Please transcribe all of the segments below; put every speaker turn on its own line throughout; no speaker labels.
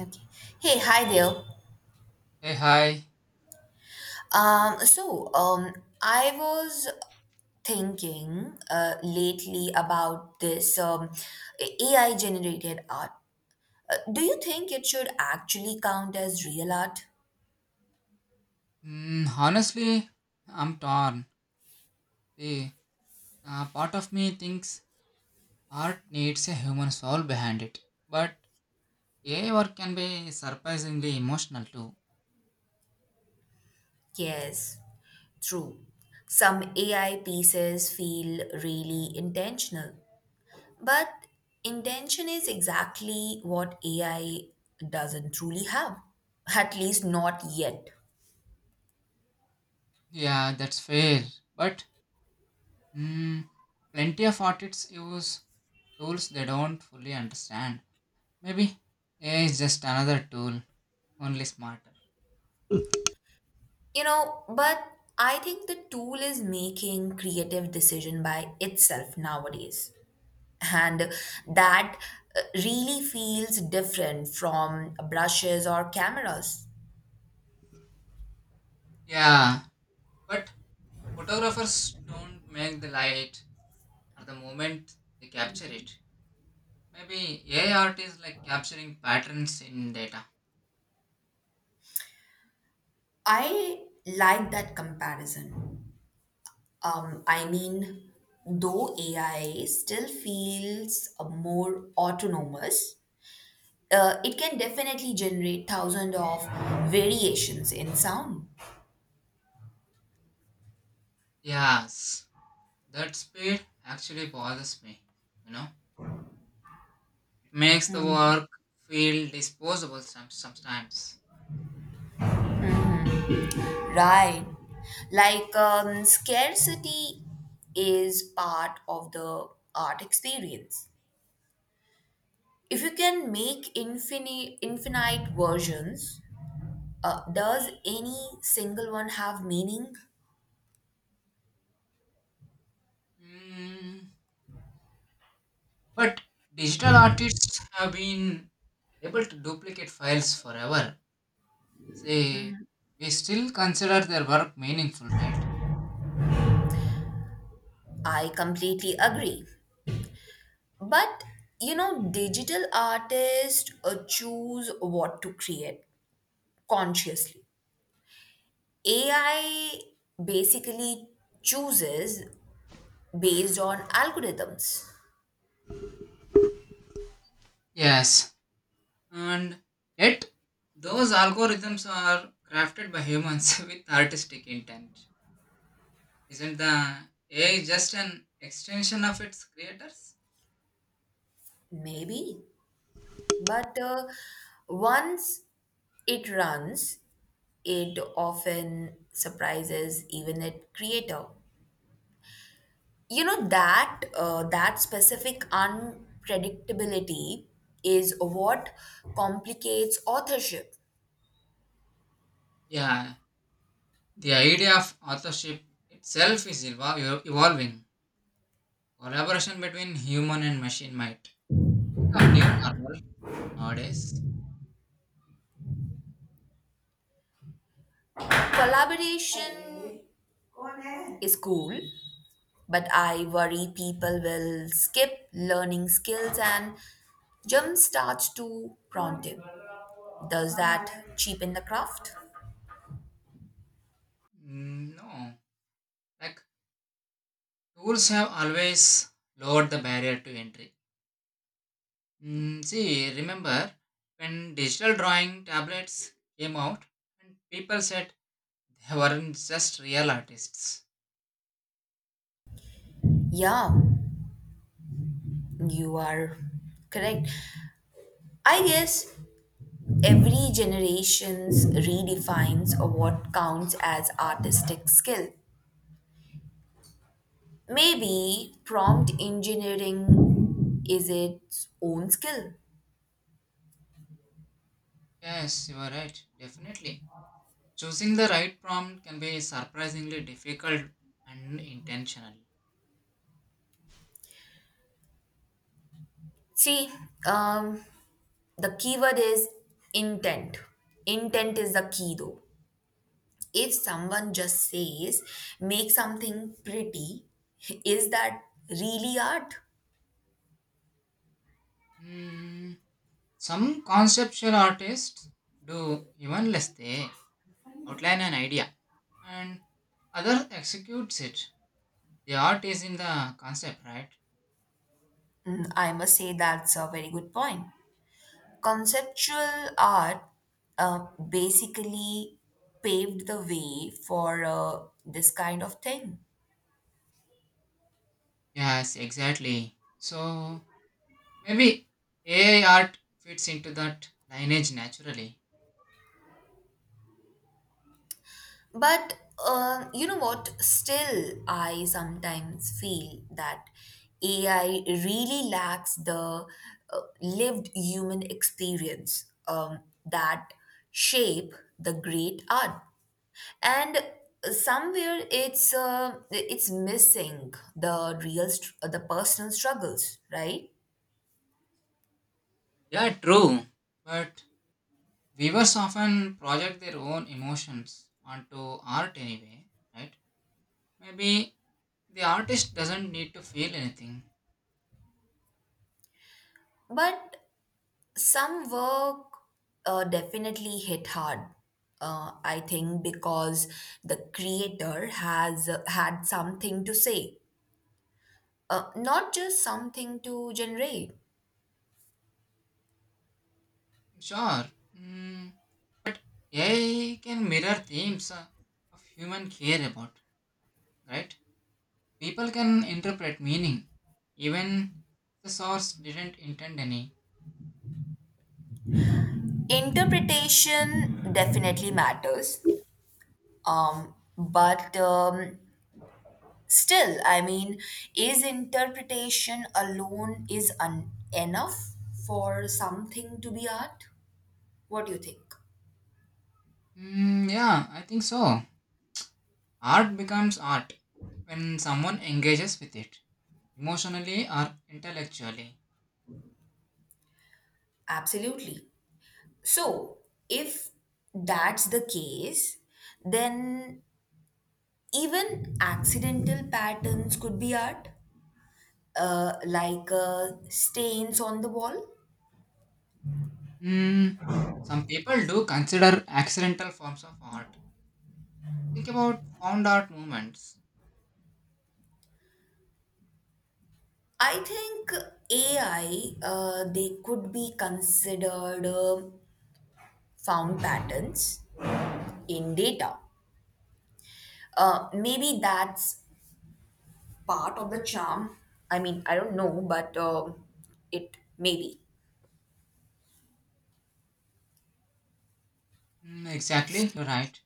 Okay. Hey, hi there.
Hey, hi.
Um, so, um, I was thinking lately about this AI generated art. Do you think it should actually count as real art?
Mm, honestly, I'm torn. See, part of me thinks art needs a human soul behind it. But AI work can be surprisingly emotional too.
Yes, true. Some AI pieces feel really intentional, but intention is exactly what AI doesn't truly have, at least not yet.
Yeah, that's fair. But mm, plenty of artists use tools they don't fully understand. Maybe AI is just another tool, only smarter.
You know, but I think the tool is making creative decision by itself nowadays. And that really feels different from brushes or cameras.
Yeah, but photographers don't make the light or the moment they capture it. Maybe AI art is like capturing patterns in data.
I like that comparison. I mean, though AI still feels more autonomous, it can definitely generate thousands of variations in sound.
Yes, that speed actually bothers me. You know, it makes the
Hmm.
work feel disposable sometimes.
Right. Like scarcity is part of the art experience. If you can make infinite versions, does any single one have meaning?
Mm, but digital artists have been able to duplicate files forever. Say, we still consider their work meaningful, right?
I completely agree. But you know, digital artists choose what to create consciously. AI basically chooses based on algorithms.
Yes, and yet those algorithms are crafted by humans with artistic intent. Isn't the AI just an extension of its creators?
Maybe. But once it runs, it often surprises even its creator. You know that specific unpredictability is what complicates authorship.
Yeah, the idea of authorship itself is evolving. Collaboration between human and machine might become new normal nowadays.
Collaboration is cool, but I worry people will skip learning skills and jump starts to prompting. Does that cheapen the craft?
Mm, no, like tools have always lowered the barrier to entry. Mm, see, remember when digital drawing tablets came out, and people said they weren't just real artists.
Yeah, you are correct. I guess every generations redefines of what counts as artistic skill. Maybe prompt engineering is its own skill.
Yes, you are right, definitely. Choosing the right prompt can be surprisingly difficult and intentional.
See, um, the keyword is intent. Intent is the key though. If someone just says, make something pretty, is that really art?
Hmm, some conceptual artists do even less, they outline an idea and other executes it. The art is in the concept, right?
Mm, I must say that's a very good point. Conceptual art basically paved the way for this kind of thing.
Yes, exactly. So maybe AI art fits into that lineage naturally.
But you know what? Still, I sometimes feel that AI really lacks the lived human experience that shape the great art. And somewhere it's missing the personal struggles, right?
Yeah, true. But viewers often project their own emotions onto art anyway, right? Maybe the artist doesn't need to feel anything.
But some work definitely hit hard. I think because the creator has had something to say, not just something to generate.
Sure, mm, but AI can mirror themes of human care about, right? People can interpret meaning, even if the source didn't intend any.
Interpretation definitely matters. But still, I mean, is interpretation alone enough for something to be art? What do you think?
Mm, yeah, I think so. Art becomes art when someone engages with it, emotionally or intellectually.
Absolutely. So, if that's the case, then even accidental patterns could be art, like stains on the wall.
Mm, some people do consider accidental forms of art. Think about found art movements.
I think AI, they could be considered found patterns in data. Maybe that's part of the charm. I mean, I don't know, but it maybe.
Mm, exactly, you're right.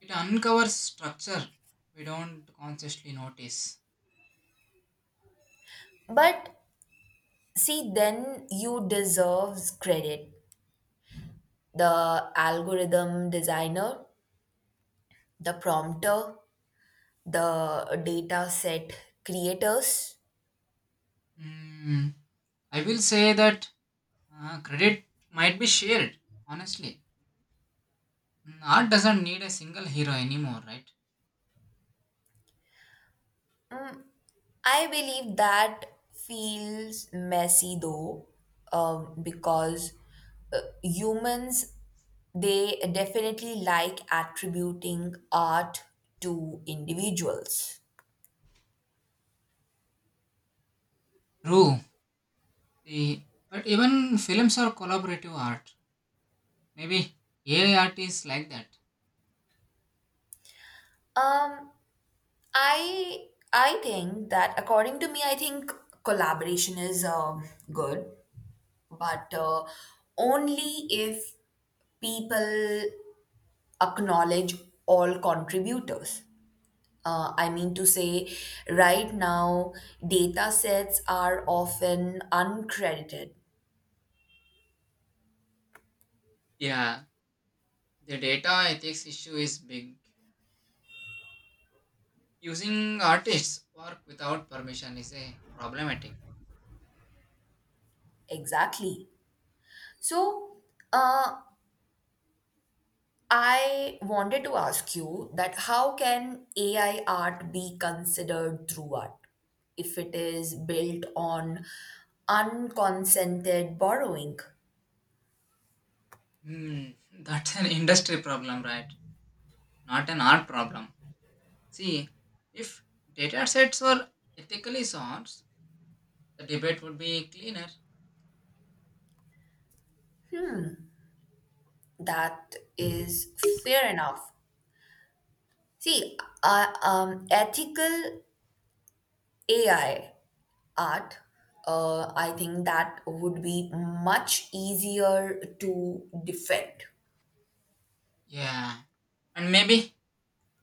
It uncovers structure we don't consciously notice.
But see, then you deserves credit the algorithm designer, the prompter, the data set creators.
Mm, I will say that credit might be shared, honestly. Mm, art doesn't need a single hero anymore, right?
I believe that feels messy though, because humans they definitely like attributing art to individuals.
True. See, but even films are collaborative art. Maybe AI art is like that.
Um, I I think that according to me, I think collaboration is good, but only if people acknowledge all contributors. I mean to say, right now, data sets are often uncredited.
Yeah, the data ethics issue is big. Using artists' work without permission is a problematic.
Exactly. So, uh, I wanted to ask you that how can AI art be considered through art if it is built on unconsented borrowing?
Hmm, that's an industry problem, right? Not an art problem. See, if data sets were ethically sourced, the debate would be cleaner.
That is fair enough. See, ethical AI art, I think that would be much easier to defend.
Yeah, and maybe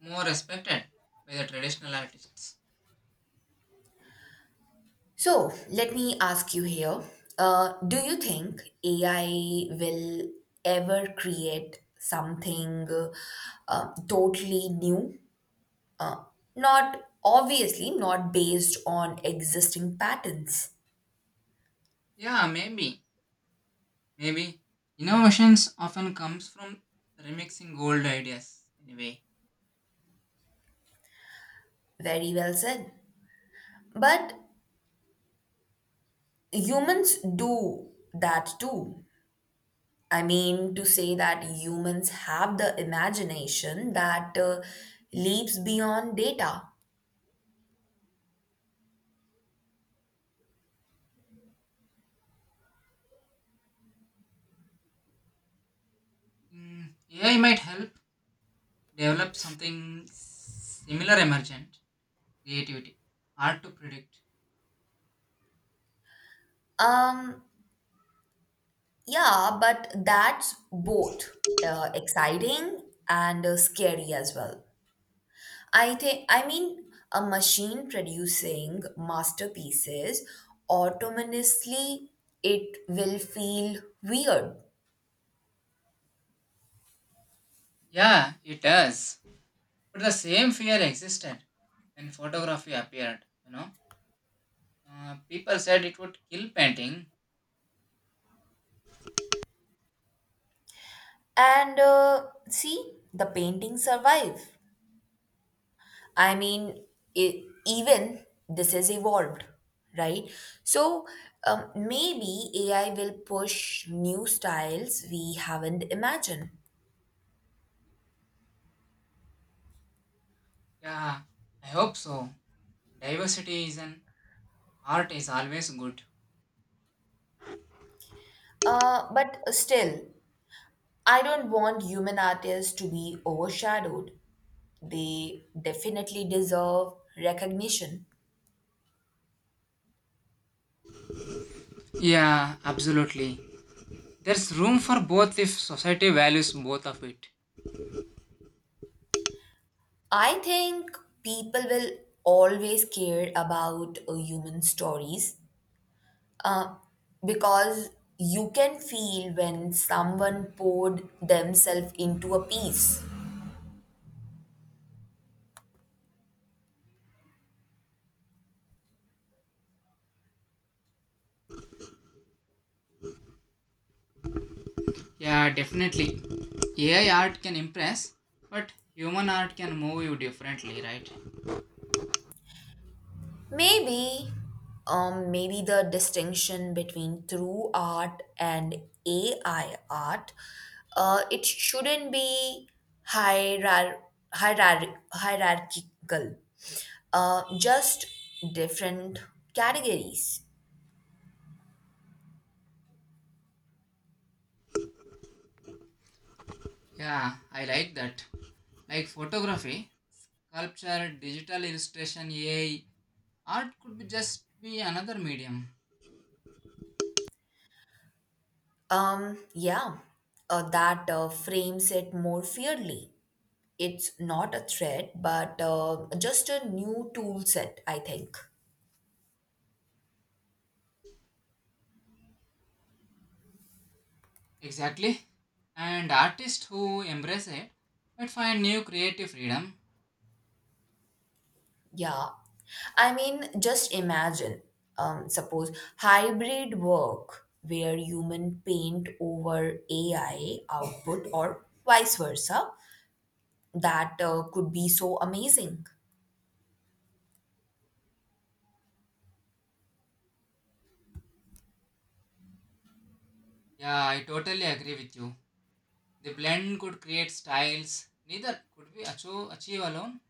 more respected by the traditional artists.
So, let me ask you here do you think AI will ever create something totally new? Uh, Not obviously, not based on existing patterns.
Yeah, maybe. Maybe. Innovations often comes from remixing old ideas anyway.
Very well said. But humans do that too. I mean, to say that humans have the imagination that leaps beyond data.
Mm, AI might help develop something similar emergent creativity. Hard to predict.
Um, yeah, but that's both exciting and scary as well. I think, I mean, a machine producing masterpieces autonomously, it will feel weird.
Yeah, it does. But the same fear existed when photography appeared, you know. People said it would kill painting.
And see, the paintings survive. I mean, even this is evolved, right? So maybe AI will push new styles we haven't imagined.
Yeah, I hope so. Diversity is an art is always good.
But still, I don't want human artists to be overshadowed. They definitely deserve recognition.
Yeah, absolutely. There's room for both if society values both of it.
I think people will always care about human stories, because you can feel when someone poured themselves into a piece.
Yeah, definitely. AI art can impress, but human art can move you differently, right?
Maybe, maybe the distinction between true art and AI art, it shouldn't be hierar- hierarchical, just different categories.
Yeah, I like that. Like photography, sculpture, digital illustration, AI, art could be just be another medium.
Yeah, that frames it more fairly. It's not a threat, but just a new tool set, I think.
Exactly. And artists who embrace it might find new creative freedom.
Yeah. I mean, just imagine, suppose hybrid work where human paint over AI output or vice versa. That could be so amazing.
Yeah, I totally agree with you. The blend could create styles neither could be achieve alone.